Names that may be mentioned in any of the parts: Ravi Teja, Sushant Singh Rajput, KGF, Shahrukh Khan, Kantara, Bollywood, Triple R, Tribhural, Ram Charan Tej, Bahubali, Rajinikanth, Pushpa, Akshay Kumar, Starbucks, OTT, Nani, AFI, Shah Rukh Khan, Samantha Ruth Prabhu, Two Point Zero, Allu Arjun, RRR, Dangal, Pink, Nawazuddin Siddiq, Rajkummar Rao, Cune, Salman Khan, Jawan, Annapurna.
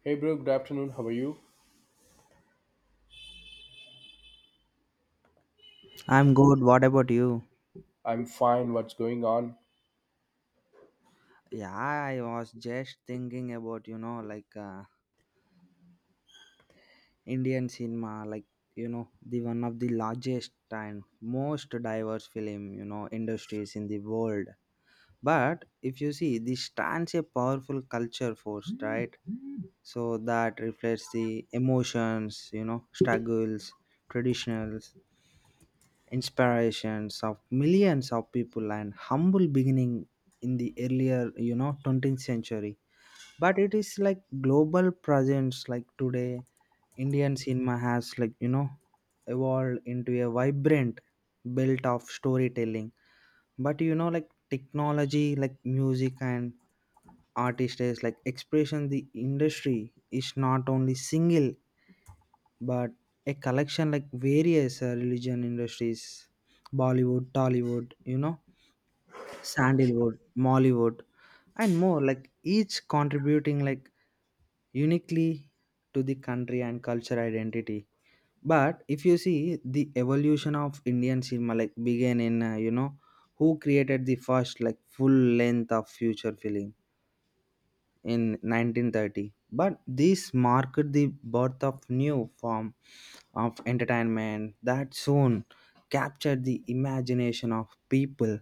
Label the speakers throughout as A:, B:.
A: Hey bro, good afternoon. How are you?
B: I'm good. What about you?
A: I'm fine. What's going on?
B: Yeah, I was just thinking about, like Indian cinema, like, the one of the largest and most diverse film, industries in the world. But if you see, this stands a powerful culture force, right? So that reflects the emotions, struggles, traditionals, inspirations of millions of people and humble beginning in the earlier, 20th century. But it is like global presence like today, Indian cinema has like evolved into a vibrant belt of storytelling. But like technology, like music and artist is like expression, the industry is not only single but a collection like various religion industries, Bollywood, Tollywood, Sandalwood, Mollywood, and more, like each contributing like uniquely to the country and cultural identity. But if you see the evolution of Indian cinema, like began in who created the first like full length of future film in 1930. But this marked the birth of new form of entertainment that soon captured the imagination of people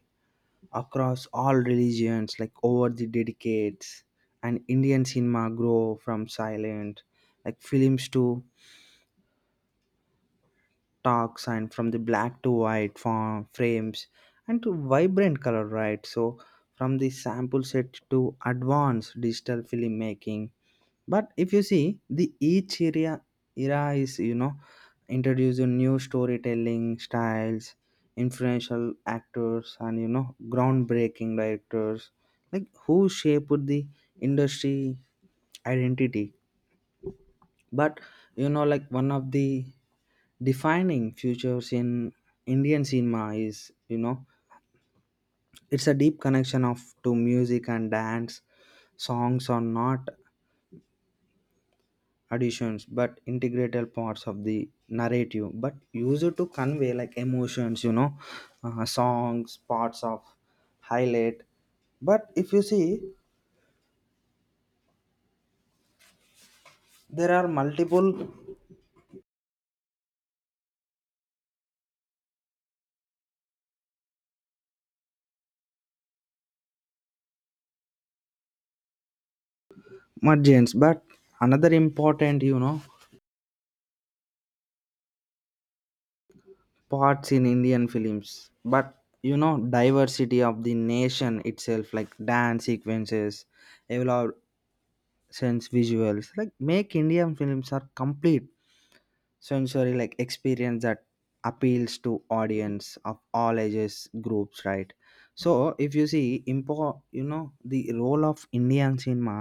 B: across all religions, like over the decades. And Indian cinema grow from silent like films to talks, and from the black to white form, frames, and to vibrant color, right? So from the sample set to advanced digital filmmaking. But if you see, the each area era is introducing new storytelling styles, influential actors, and groundbreaking directors, like who shaped the industry identity. But like one of the defining features in Indian cinema is it's a deep connection of to music and dance. Songs or not additions, but integral parts of the narrative, but used to convey like emotions, songs parts of highlight. But if you see, there are multiple margins, but another important parts in Indian films, but diversity of the nation itself, like dance sequences evolve, sense visuals like make Indian films are complete sensory like experience that appeals to audience of all ages groups, right? So if you see, impo you know the role of Indian cinema,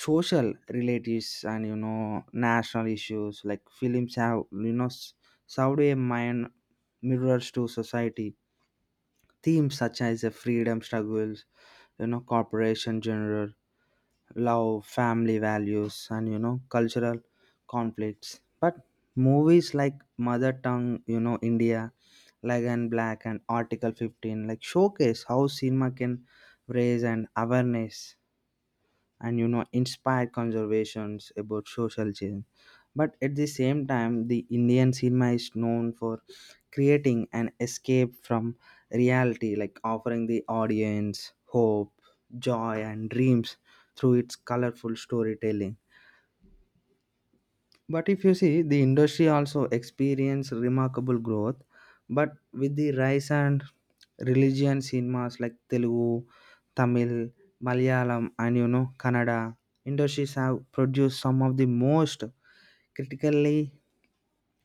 B: social relatives, and national issues, like films have served a mind mirrors to society. Themes such as the freedom struggles, corporation general, love, family values, and cultural conflicts. But movies like Mother Tongue, India, like, and Black, and Article 15 like showcase how cinema can raise an awareness and inspired conversations about social change. But at the same time, the Indian cinema is known for creating an escape from reality, like offering the audience hope, joy, and dreams through its colorful storytelling. But if you see, the industry also experienced remarkable growth. But with the rise and religion cinemas like Telugu, Tamil, Malayalam, and Kannada, industries have produced some of the most critically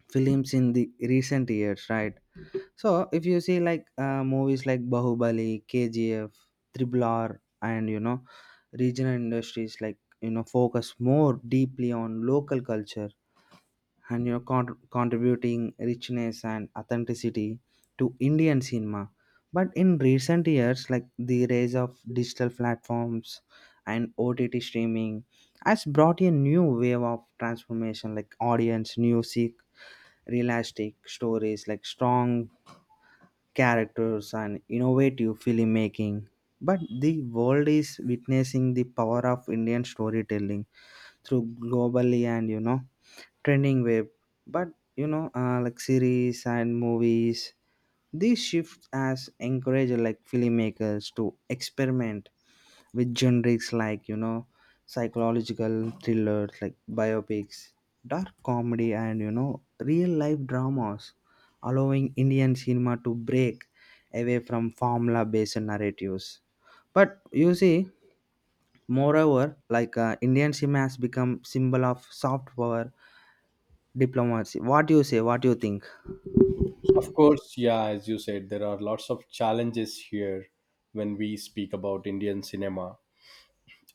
B: films in the recent years, right? So if you see like movies like Bahubali, KGF, Triple R, and regional industries like focus more deeply on local culture and you're contributing richness and authenticity to Indian cinema. But in recent years, like the rise of digital platforms and OTT streaming has brought a new wave of transformation, like audience, music, realistic stories, like strong characters, and innovative filmmaking. But the world is witnessing the power of Indian storytelling through globally and trending web, but like series and movies, these shifts as encourage like filmmakers to experiment with genres like psychological thrillers, like biopics, dark comedy, and real life dramas, allowing Indian cinema to break away from formula based narratives. But you see, moreover, like Indian cinema has become symbol of soft power diplomacy. What do you say? What do you think?
A: Of course, yeah, as you said, there are lots of challenges here when we speak about Indian cinema.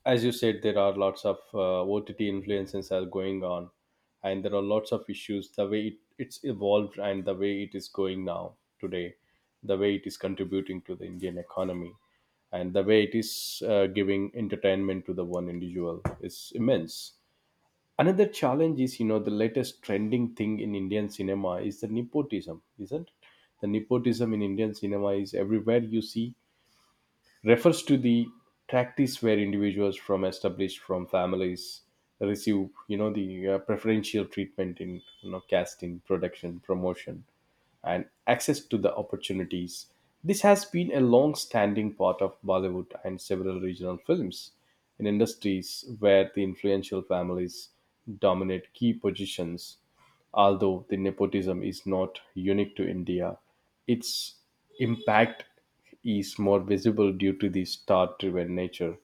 A: As you said, there are lots of OTT influences are going on, and there are lots of issues the way it's evolved and the way it is going now today, the way it is contributing to the Indian economy, and the way it is giving entertainment to the one individual is immense. Another challenge is the latest trending thing in Indian cinema is the nepotism, isn't it? The nepotism in Indian cinema is everywhere you see, refers to the practice where individuals from established from families receive, the preferential treatment in, casting, production, promotion, and access to the opportunities. This has been a long standing part of Bollywood and several regional films in industries where the influential families dominate key positions. Although the nepotism is not unique to India, its impact is more visible due to the star driven nature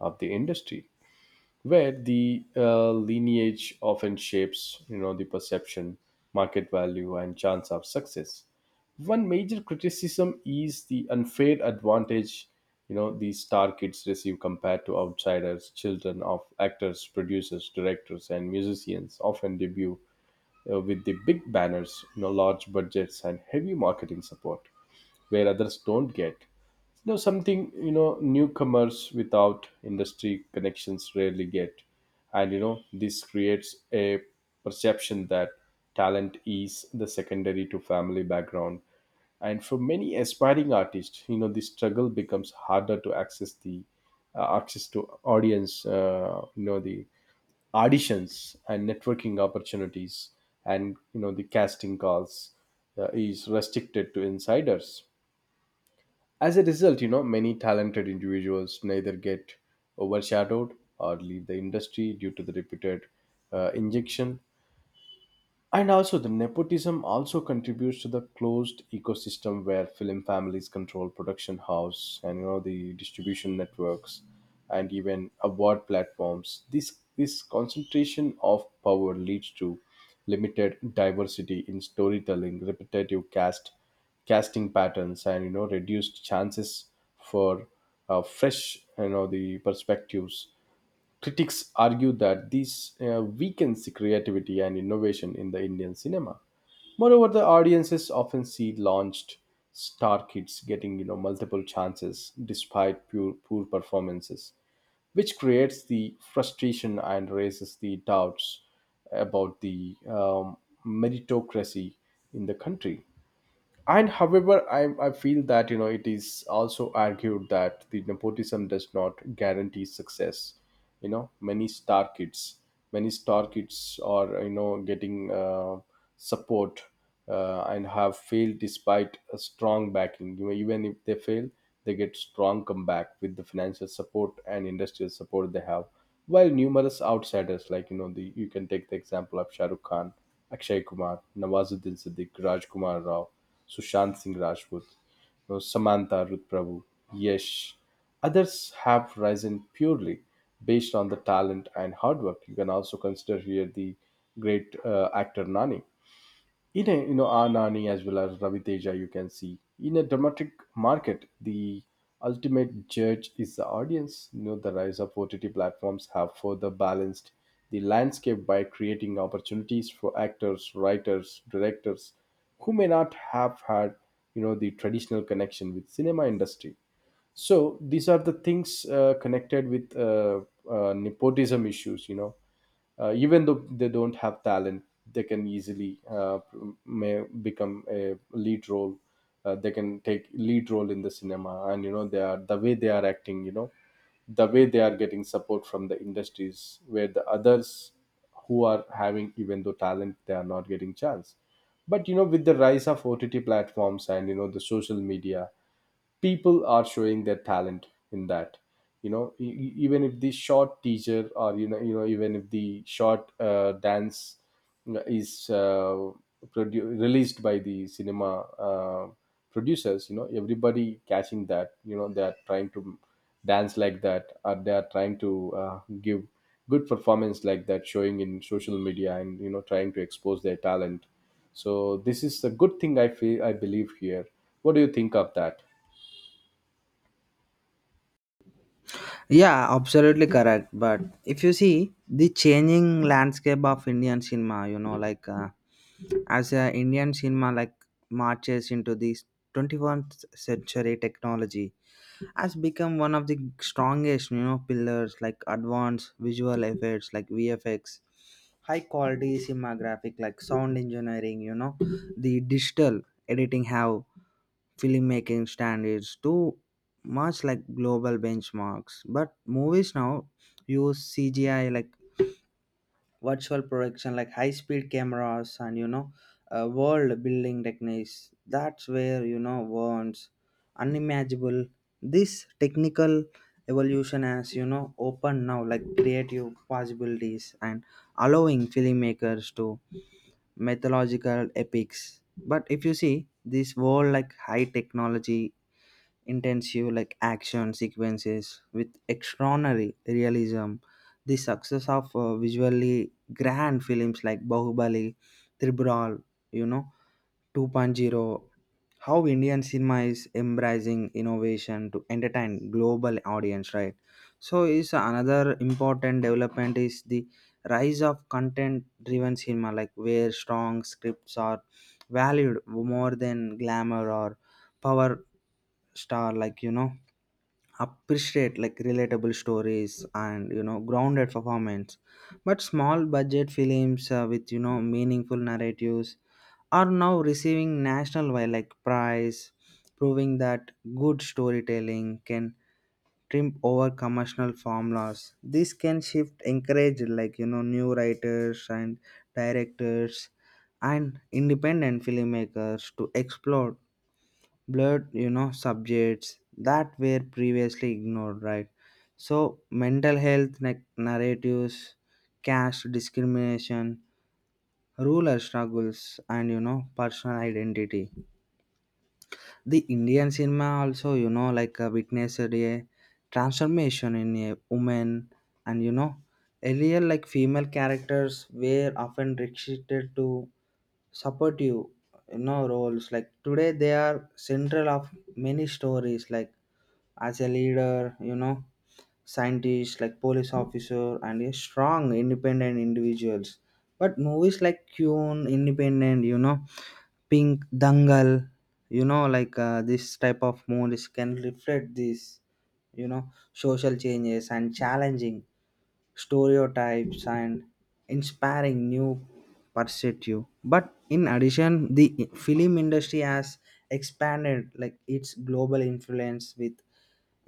A: of the industry, where the lineage often shapes the perception, market value, and chance of success. One major criticism is the unfair advantage these star kids receive compared to outsiders. Children of actors, producers, directors, and musicians often debut with the big banners, large budgets, and heavy marketing support, where others don't get. Something newcomers without industry connections rarely get, and this creates a perception that talent is the secondary to family background. And for many aspiring artists, the struggle becomes harder to access the access to audience, the auditions and networking opportunities, and the casting calls is restricted to insiders. As a result, many talented individuals neither get overshadowed or leave the industry due to the repeated injection. And also, the nepotism also contributes to the closed ecosystem, where film families control production house and the distribution networks and even award platforms. This concentration of power leads to limited diversity in storytelling, repetitive casting patterns, and reduced chances for fresh, the perspectives. Critics argue that this weakens the creativity and innovation in the Indian cinema. Moreover, the audiences often see launched star kids getting multiple chances despite poor performances, which creates the frustration and raises the doubts about the meritocracy in the country. And however, I feel that it is also argued that the nepotism does not guarantee success. You know many star kids many star kids are getting support, and have failed despite a strong backing. You know, even if they fail, they get strong comeback with the financial support and industrial support they have, while numerous outsiders, like, you can take the example of Shahrukh Khan, Akshay Kumar, Nawazuddin Siddiq, Rajkumar Rao, Sushant Singh Rajput, Samantha Ruth Prabhu, Yesh. Others have risen purely based on the talent and hard work. You can also consider here the great actor Nani in a, Anani, as well as Ravi Teja. You can see in a dramatic market, the ultimate judge is the audience. The rise of OTT platforms have further balanced the landscape by creating opportunities for actors, writers, directors who may not have had the traditional connection with cinema industry. So these are the things connected with, nepotism issues. Even though they don't have talent, they can easily may become a lead role, they can take lead role in the cinema. And they are the way they are acting, the way they are getting support from the industries, where the others who are having, even though talent, they are not getting chance. But with the rise of OTT platforms and the social media, people are showing their talent in that. Even if the short teacher, or even if the short dance is released by the cinema uh, producers, everybody catching that, they are trying to dance like that, or they are trying to give good performance like that, showing in social media, and trying to expose their talent. So this is a good thing, I feel, I believe here. What do you think of that?
B: Yeah, absolutely correct. But if you see the changing landscape of Indian cinema, like as Indian cinema like marches into this 21st century, technology has become one of the strongest, pillars like advanced visual effects like VFX, high quality cinemagraphic like sound engineering, the digital editing have filmmaking standards too much like global benchmarks. But movies now use CGI, like virtual production, like high speed cameras, and world building techniques, that's where words unimaginable. This technical evolution has opened now like creative possibilities and allowing filmmakers to mythological epics. But if you see this world like high technology intensive like action sequences with extraordinary realism. The success of visually grand films like Bahubali, Tribhural, you know, Two Point Zero, how Indian cinema is embracing innovation to entertain global audience, right? So is another important development is the rise of content-driven cinema, like where strong scripts are valued more than glamour or power star, like appreciate like relatable stories and grounded performance. But small budget films with meaningful narratives are now receiving national wildlife prize, proving that good storytelling can trump over commercial formulas. This can shift encourage like new writers and directors and independent filmmakers to explore blurred subjects that were previously ignored, right? So mental health narratives, caste discrimination, ruler struggles, and personal identity. The Indian cinema also, like witnessed a transformation in a woman, and earlier like female characters were often restricted to supportive, roles. Like today, they are central of many stories, like as a leader, scientist, like police officer, and a strong independent individuals. But movies like Cune, Independent, Pink, Dangal, like this type of movies can reflect this, social changes, and challenging stereotypes, and inspiring new perspective. But in addition, the film industry has expanded like its global influence with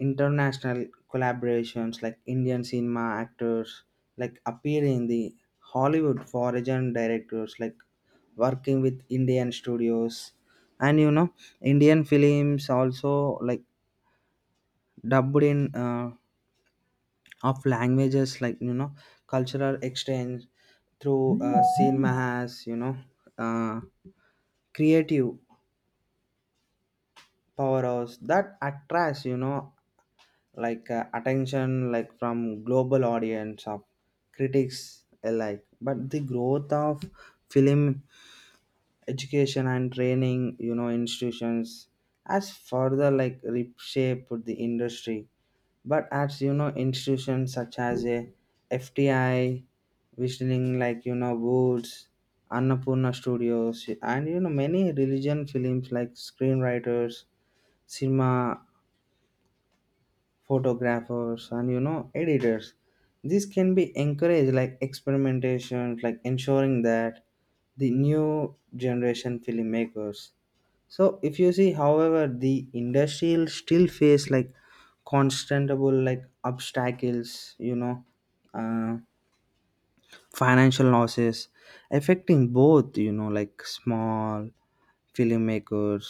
B: international collaborations like Indian cinema actors like appear in the Hollywood, foreign directors like working with Indian studios, and Indian films also like dubbed in of languages, like cultural exchange through cinema has uh, creative powers that attracts like attention like from global audience of critics alike. But the growth of film education and training institutions has further like reshaped the industry. But as institutions such as a FTI, visioning like woods, Annapurna Studios, and many religion films like screenwriters, cinema photographers, and editors, this can be encouraged like experimentation, like ensuring that the new generation filmmakers. So if you see, however, the industrial still face like constantable like obstacles, uh, financial losses affecting both like small filmmakers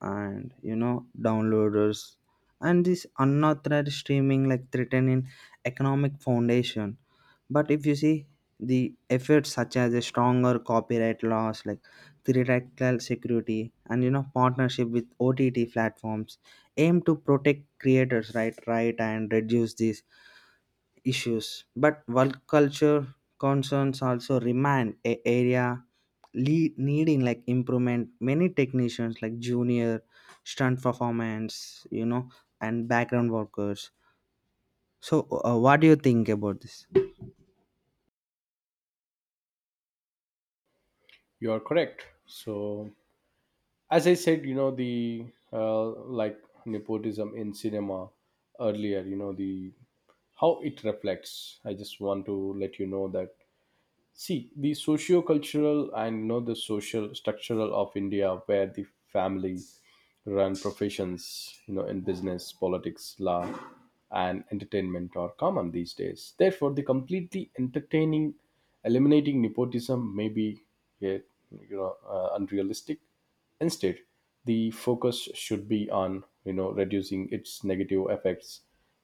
B: and downloaders, and this unauthorized streaming like threatening economic foundation. But if you see, the efforts such as a stronger copyright laws like theoretical security and partnership with OTT platforms aim to protect creators right, and reduce this issues. But work culture concerns also remain a area lead, needing like improvement. Many technicians like junior, stunt performance, and background workers. So, what do you think about this?
A: You are correct. So, as I said, the, like nepotism in cinema earlier, you know, the how it reflects. I just want to let you know that, see, the socio-cultural and, the social structural of India, where the family run professions, in business, politics, law, and entertainment are common these days. Therefore, the completely entertaining eliminating nepotism may be a, unrealistic. Instead, the focus should be on, reducing its negative effects.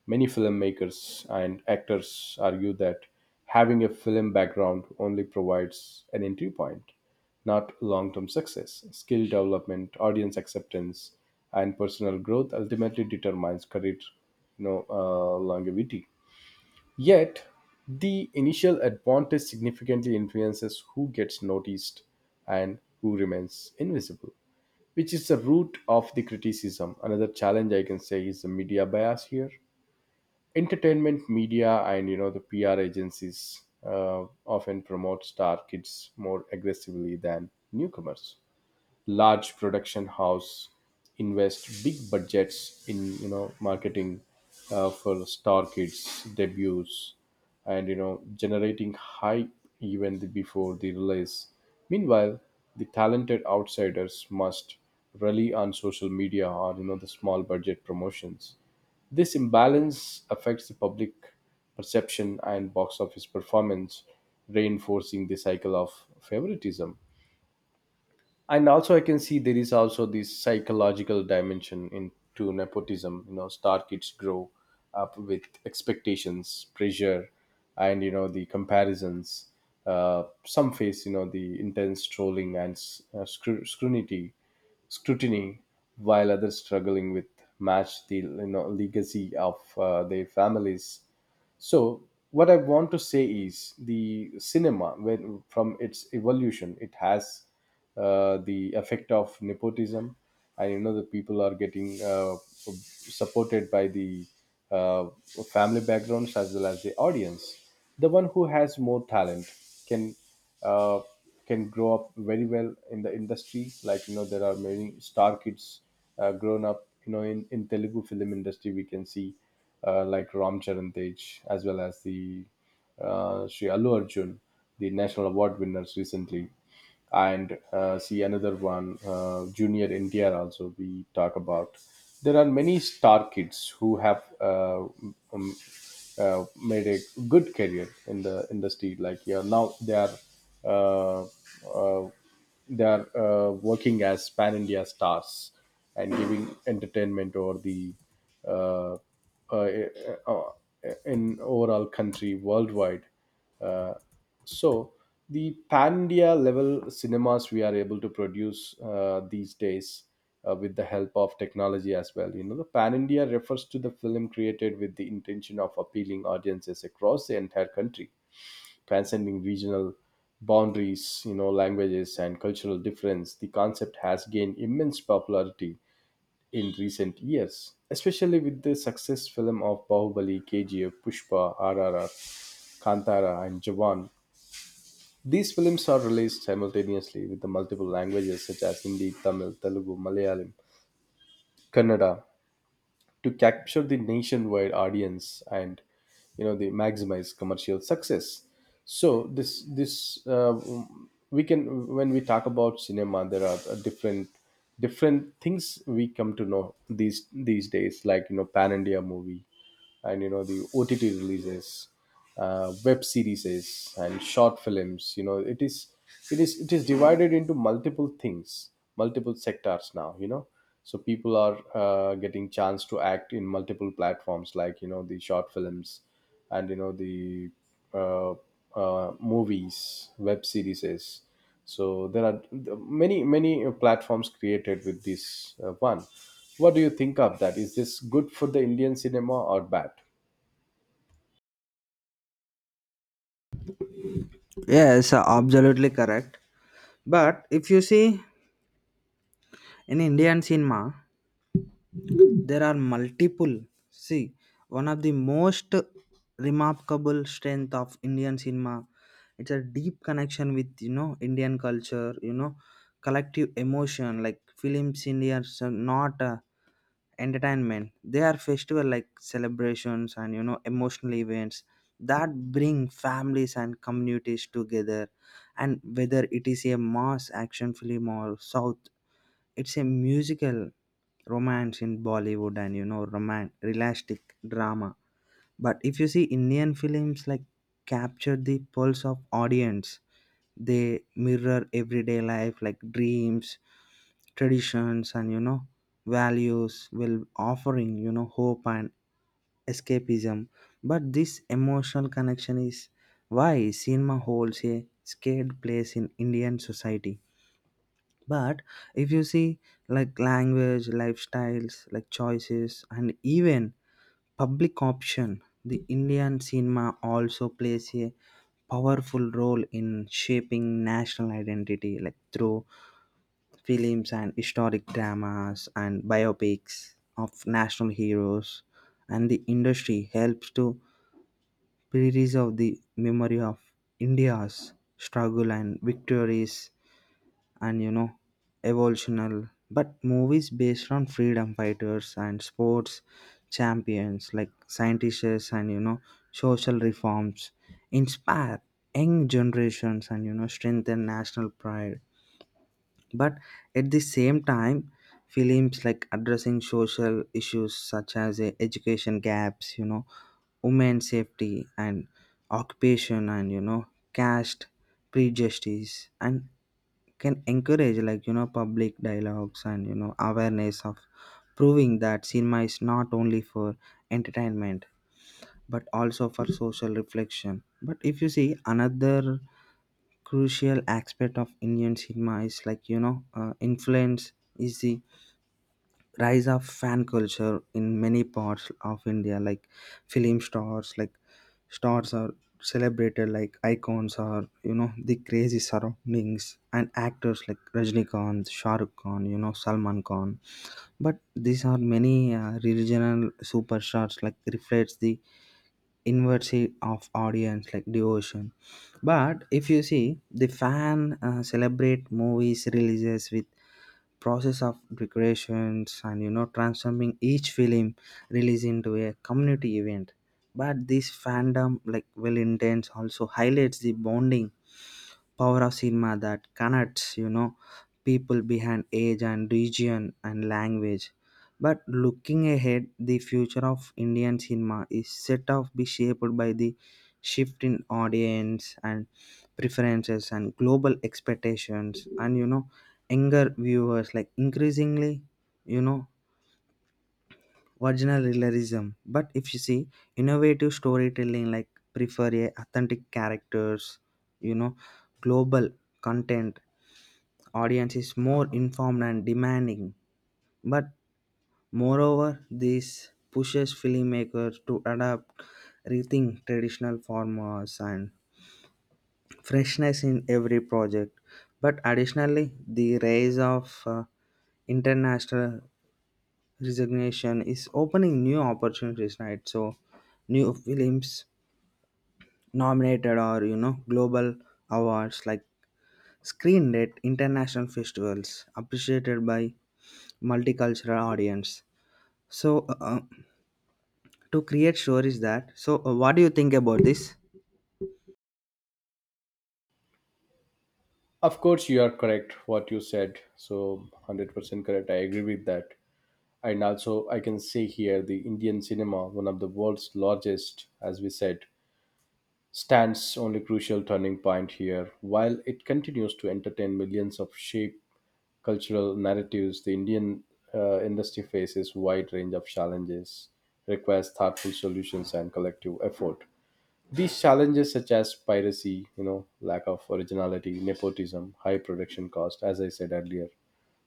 A: Many filmmakers and actors argue that having a film background only provides an entry point, not long-term success. Skill development, audience acceptance, and personal growth ultimately determines career, longevity. Yet, the initial advantage significantly influences who gets noticed and who remains invisible, which is the root of the criticism. Another challenge I can say is the media bias here. Entertainment media and, the PR agencies often promote star kids more aggressively than newcomers. Large production house invest big budgets in, marketing for star kids debuts, and generating hype even before the release. Meanwhile, the talented outsiders must rely on social media, or the small budget promotions. This imbalance affects the public perception and box office performance, reinforcing the cycle of favoritism. And also, I can see there is also this psychological dimension into nepotism. Star kids grow up with expectations, pressure, and, the comparisons. Some face, the intense trolling and scrutiny, while others struggling with match the, legacy of their families. So what I want to say is, the cinema, when from its evolution, it has the effect of nepotism, and, the people are getting supported by the uh, family backgrounds, as well as the audience. The one who has more talent can, uh, grow up very well in the industry. Like, there are many star kids grown up. In Telugu film industry, we can see like Ram Charan Tej, as well as the Sri Allu Arjun, the national award winners recently. And see another one, junior India. Also we talk about, there are many star kids who have um, made a good career in the industry, like, yeah, now they are uh, uh, working as pan india stars and giving entertainment over the, uh, uh, uh, in overall country worldwide. uh, so the pan-India level cinemas we are able to produce these days, with the help of technology as well. You know, the pan-India refers to the film created with the intention of appealing audiences across the entire country, transcending regional boundaries, languages, and cultural difference. The concept has gained immense popularity in recent years, especially with the success film of Bahubali, KGF, Pushpa, RRR, Kantara, and Jawan. These films are released simultaneously with the multiple languages such as Hindi, Tamil, Telugu, Malayalam, Kannada, to capture the nationwide audience and, the maximize commercial success. So this this uh, we can when we talk about cinema, there are different things we come to know these days, like, pan India movie, and the OTT releases, web series, and short films. You know, it is divided into multiple things, multiple sectors now. So people are getting chance to act in multiple platforms, like, the short films, and the, uh, movies, web series. So there are many platforms created with this, one. What do you think of that? Is this good for the Indian cinema or bad?
B: Yes, absolutely correct. But if you see in Indian cinema, there are multiple, see one of the most remarkable strength of Indian cinema, it's a deep connection with Indian culture, collective emotion like films, Indians are not entertainment, they are festival like celebrations and emotional events that bring families and communities together. And whether it is a mass action film or south, it's a musical romance in Bollywood, and roman realistic drama. But if you see Indian films like capture the pulse of audience, they mirror everyday life like dreams, traditions, and values will offering hope and escapism. But this emotional connection is why cinema holds a scared place in Indian society. But if you see like language, lifestyles like choices, and even public option, the Indian cinema also plays a powerful role in shaping national identity like through films and historic dramas and biopics of national heroes. And the industry helps to preserve the memory of India's struggle and victories, and evolutional. But movies based on freedom fighters and sports champions, like scientists and social reforms, inspire young generations and strengthen national pride. But at the same time, films like addressing social issues such as education gaps, women's safety and occupation, and caste prejudice, and can encourage like public dialogues and awareness of, proving that cinema is not only for entertainment but also for social reflection. But if you see, another crucial aspect of Indian cinema is like influence is the rise of fan culture in many parts of India, like film stars, like stars are celebrated like icons, or the crazy surroundings and actors like Rajnikant, Shah Rukh Khan, Salman Khan. But these are many regional superstars like reflects the inversity of audience like devotion. But if you see, the fan celebrate movies releases with process of decorations, and transforming each film release into a community event. But this fandom like well intense also highlights the bonding power of cinema that connects people behind age and region and language. But looking ahead, the future of Indian cinema is set to be shaped by the shift in audience and preferences and global expectations, and younger viewers like increasingly you know original realism. But if you see, innovative storytelling like prefer a authentic characters, you know global content audience is more informed and demanding. But moreover, this pushes filmmakers to adapt, rethink traditional forms and freshness in every project. But additionally, the rise of international recognition is opening new opportunities, right? So new films nominated or global awards, like screened at international festivals, appreciated by multicultural audience. So to create stories that. So what do you think about this?
A: Of course, you are correct what you said. So, 100% correct, I agree with that. And also, I can say here, the Indian cinema, one of the world's largest, as we said, stands only crucial turning point here. While it continues to entertain millions of shape cultural narratives, the Indian industry faces wide range of challenges, requires thoughtful solutions and collective effort. These challenges, such as piracy, lack of originality, nepotism, high production cost, as I said earlier,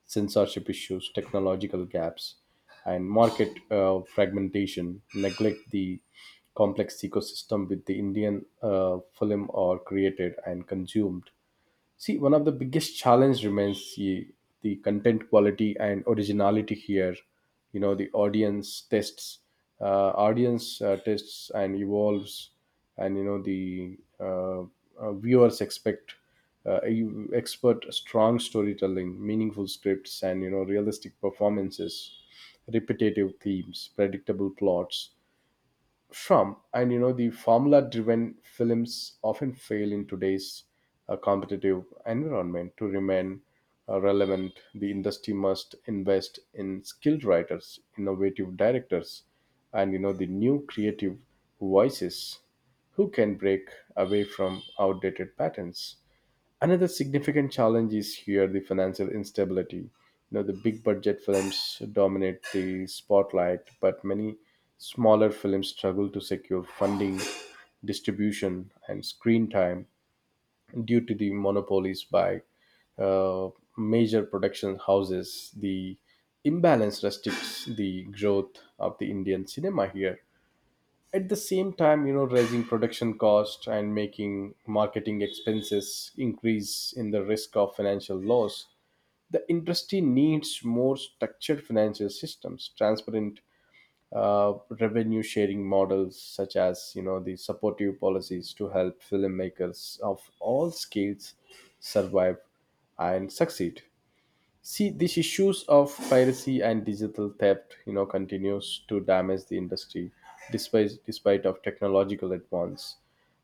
A: censorship issues, technological gaps, and market fragmentation, neglect the complex ecosystem with the Indian film are created and consumed. See, one of the biggest challenge remains the content quality and originality here. You know, the audience tests and evolves, and you know the viewers expect you expert strong storytelling, meaningful scripts, and realistic performances, repetitive themes, predictable plots from and the formula driven films often fail in today's competitive environment to remain relevant. The industry must invest in skilled writers, innovative directors, and the new creative voices who can break away from outdated patterns. Another significant challenge is here the financial instability. You know, the big budget films dominate the spotlight, but many smaller films struggle to secure funding, distribution, and screen time due to the monopolies by uh, major production houses. The imbalance restricts the growth of the Indian cinema here. At the same time, you know, raising production cost and making marketing expenses increase in the risk of financial loss. The industry needs more structured financial systems, transparent uh, revenue sharing models, such as, you know, the supportive policies to help filmmakers of all scales survive and succeed. See, these issues of piracy and digital theft, you know, continues to damage the industry despite of technological advance.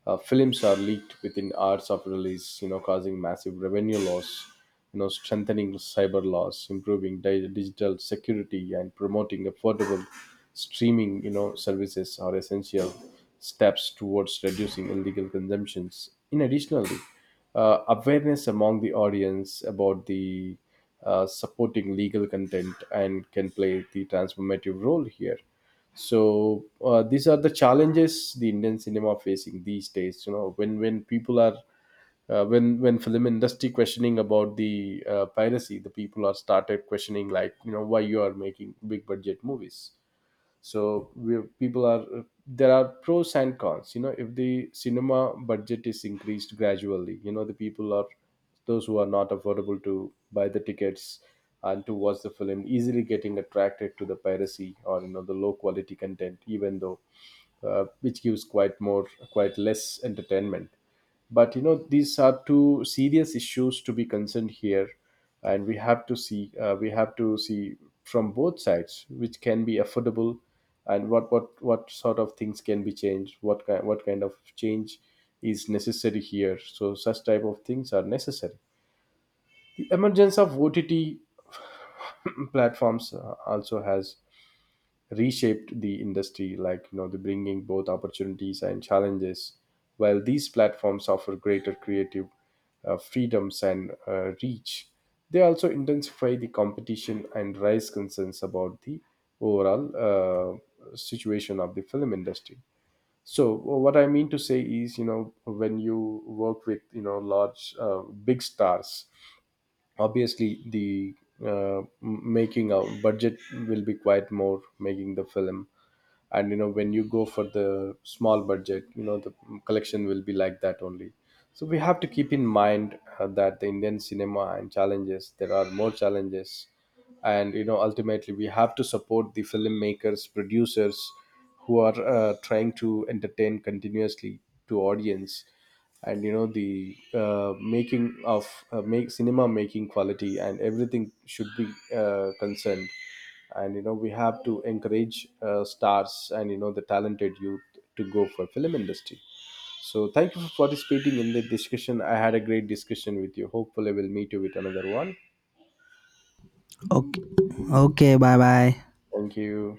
A: Films are leaked within hours of release, you know, causing massive revenue loss, you know, strengthening cyber laws, improving digital security, and promoting affordable streaming, you know, services are essential steps towards reducing illegal consumptions. In additionally, awareness among the audience about the supporting legal content and can play the transformative role here. So these are the challenges the Indian cinema are facing these days, you know, when people are when film industry questioning about the piracy, the people are started questioning like, you know, why you are making big budget movies. So we people are, there are pros and cons. You know, if the cinema budget is increased gradually, you know, the people are those who are not affordable to buy the tickets and to watch the film easily getting attracted to the piracy or, you know, the low quality content, even though which gives quite more quite less entertainment. But you know, these are two serious issues to be concerned here, and we have to see we have to see from both sides which can be affordable, and what sort of things can be changed, what kind of change is necessary here. So such type of things are necessary. The emergence of OTT platforms also has reshaped the industry, like, you know, the bringing both opportunities and challenges. While these platforms offer greater creative freedoms and reach, they also intensify the competition and raise concerns about the overall situation of the film industry. So what I mean to say is, you know, when you work with, you know, large big stars, obviously the making a budget will be quite more making the film. And you know, when you go for the small budget, you know, the collection will be like that only. So we have to keep in mind that the Indian cinema and challenges, there are more challenges, and you know ultimately we have to support the filmmakers, producers, who are trying to entertain continuously to audience. And you know the making of make cinema making quality and everything should be concerned. And you know we have to encourage stars and, you know, the talented youth to go for film industry. So thank you for participating in the discussion. I had a great discussion with you. Hopefully we'll meet you with another one.
B: Okay, okay, bye bye.
A: Thank you.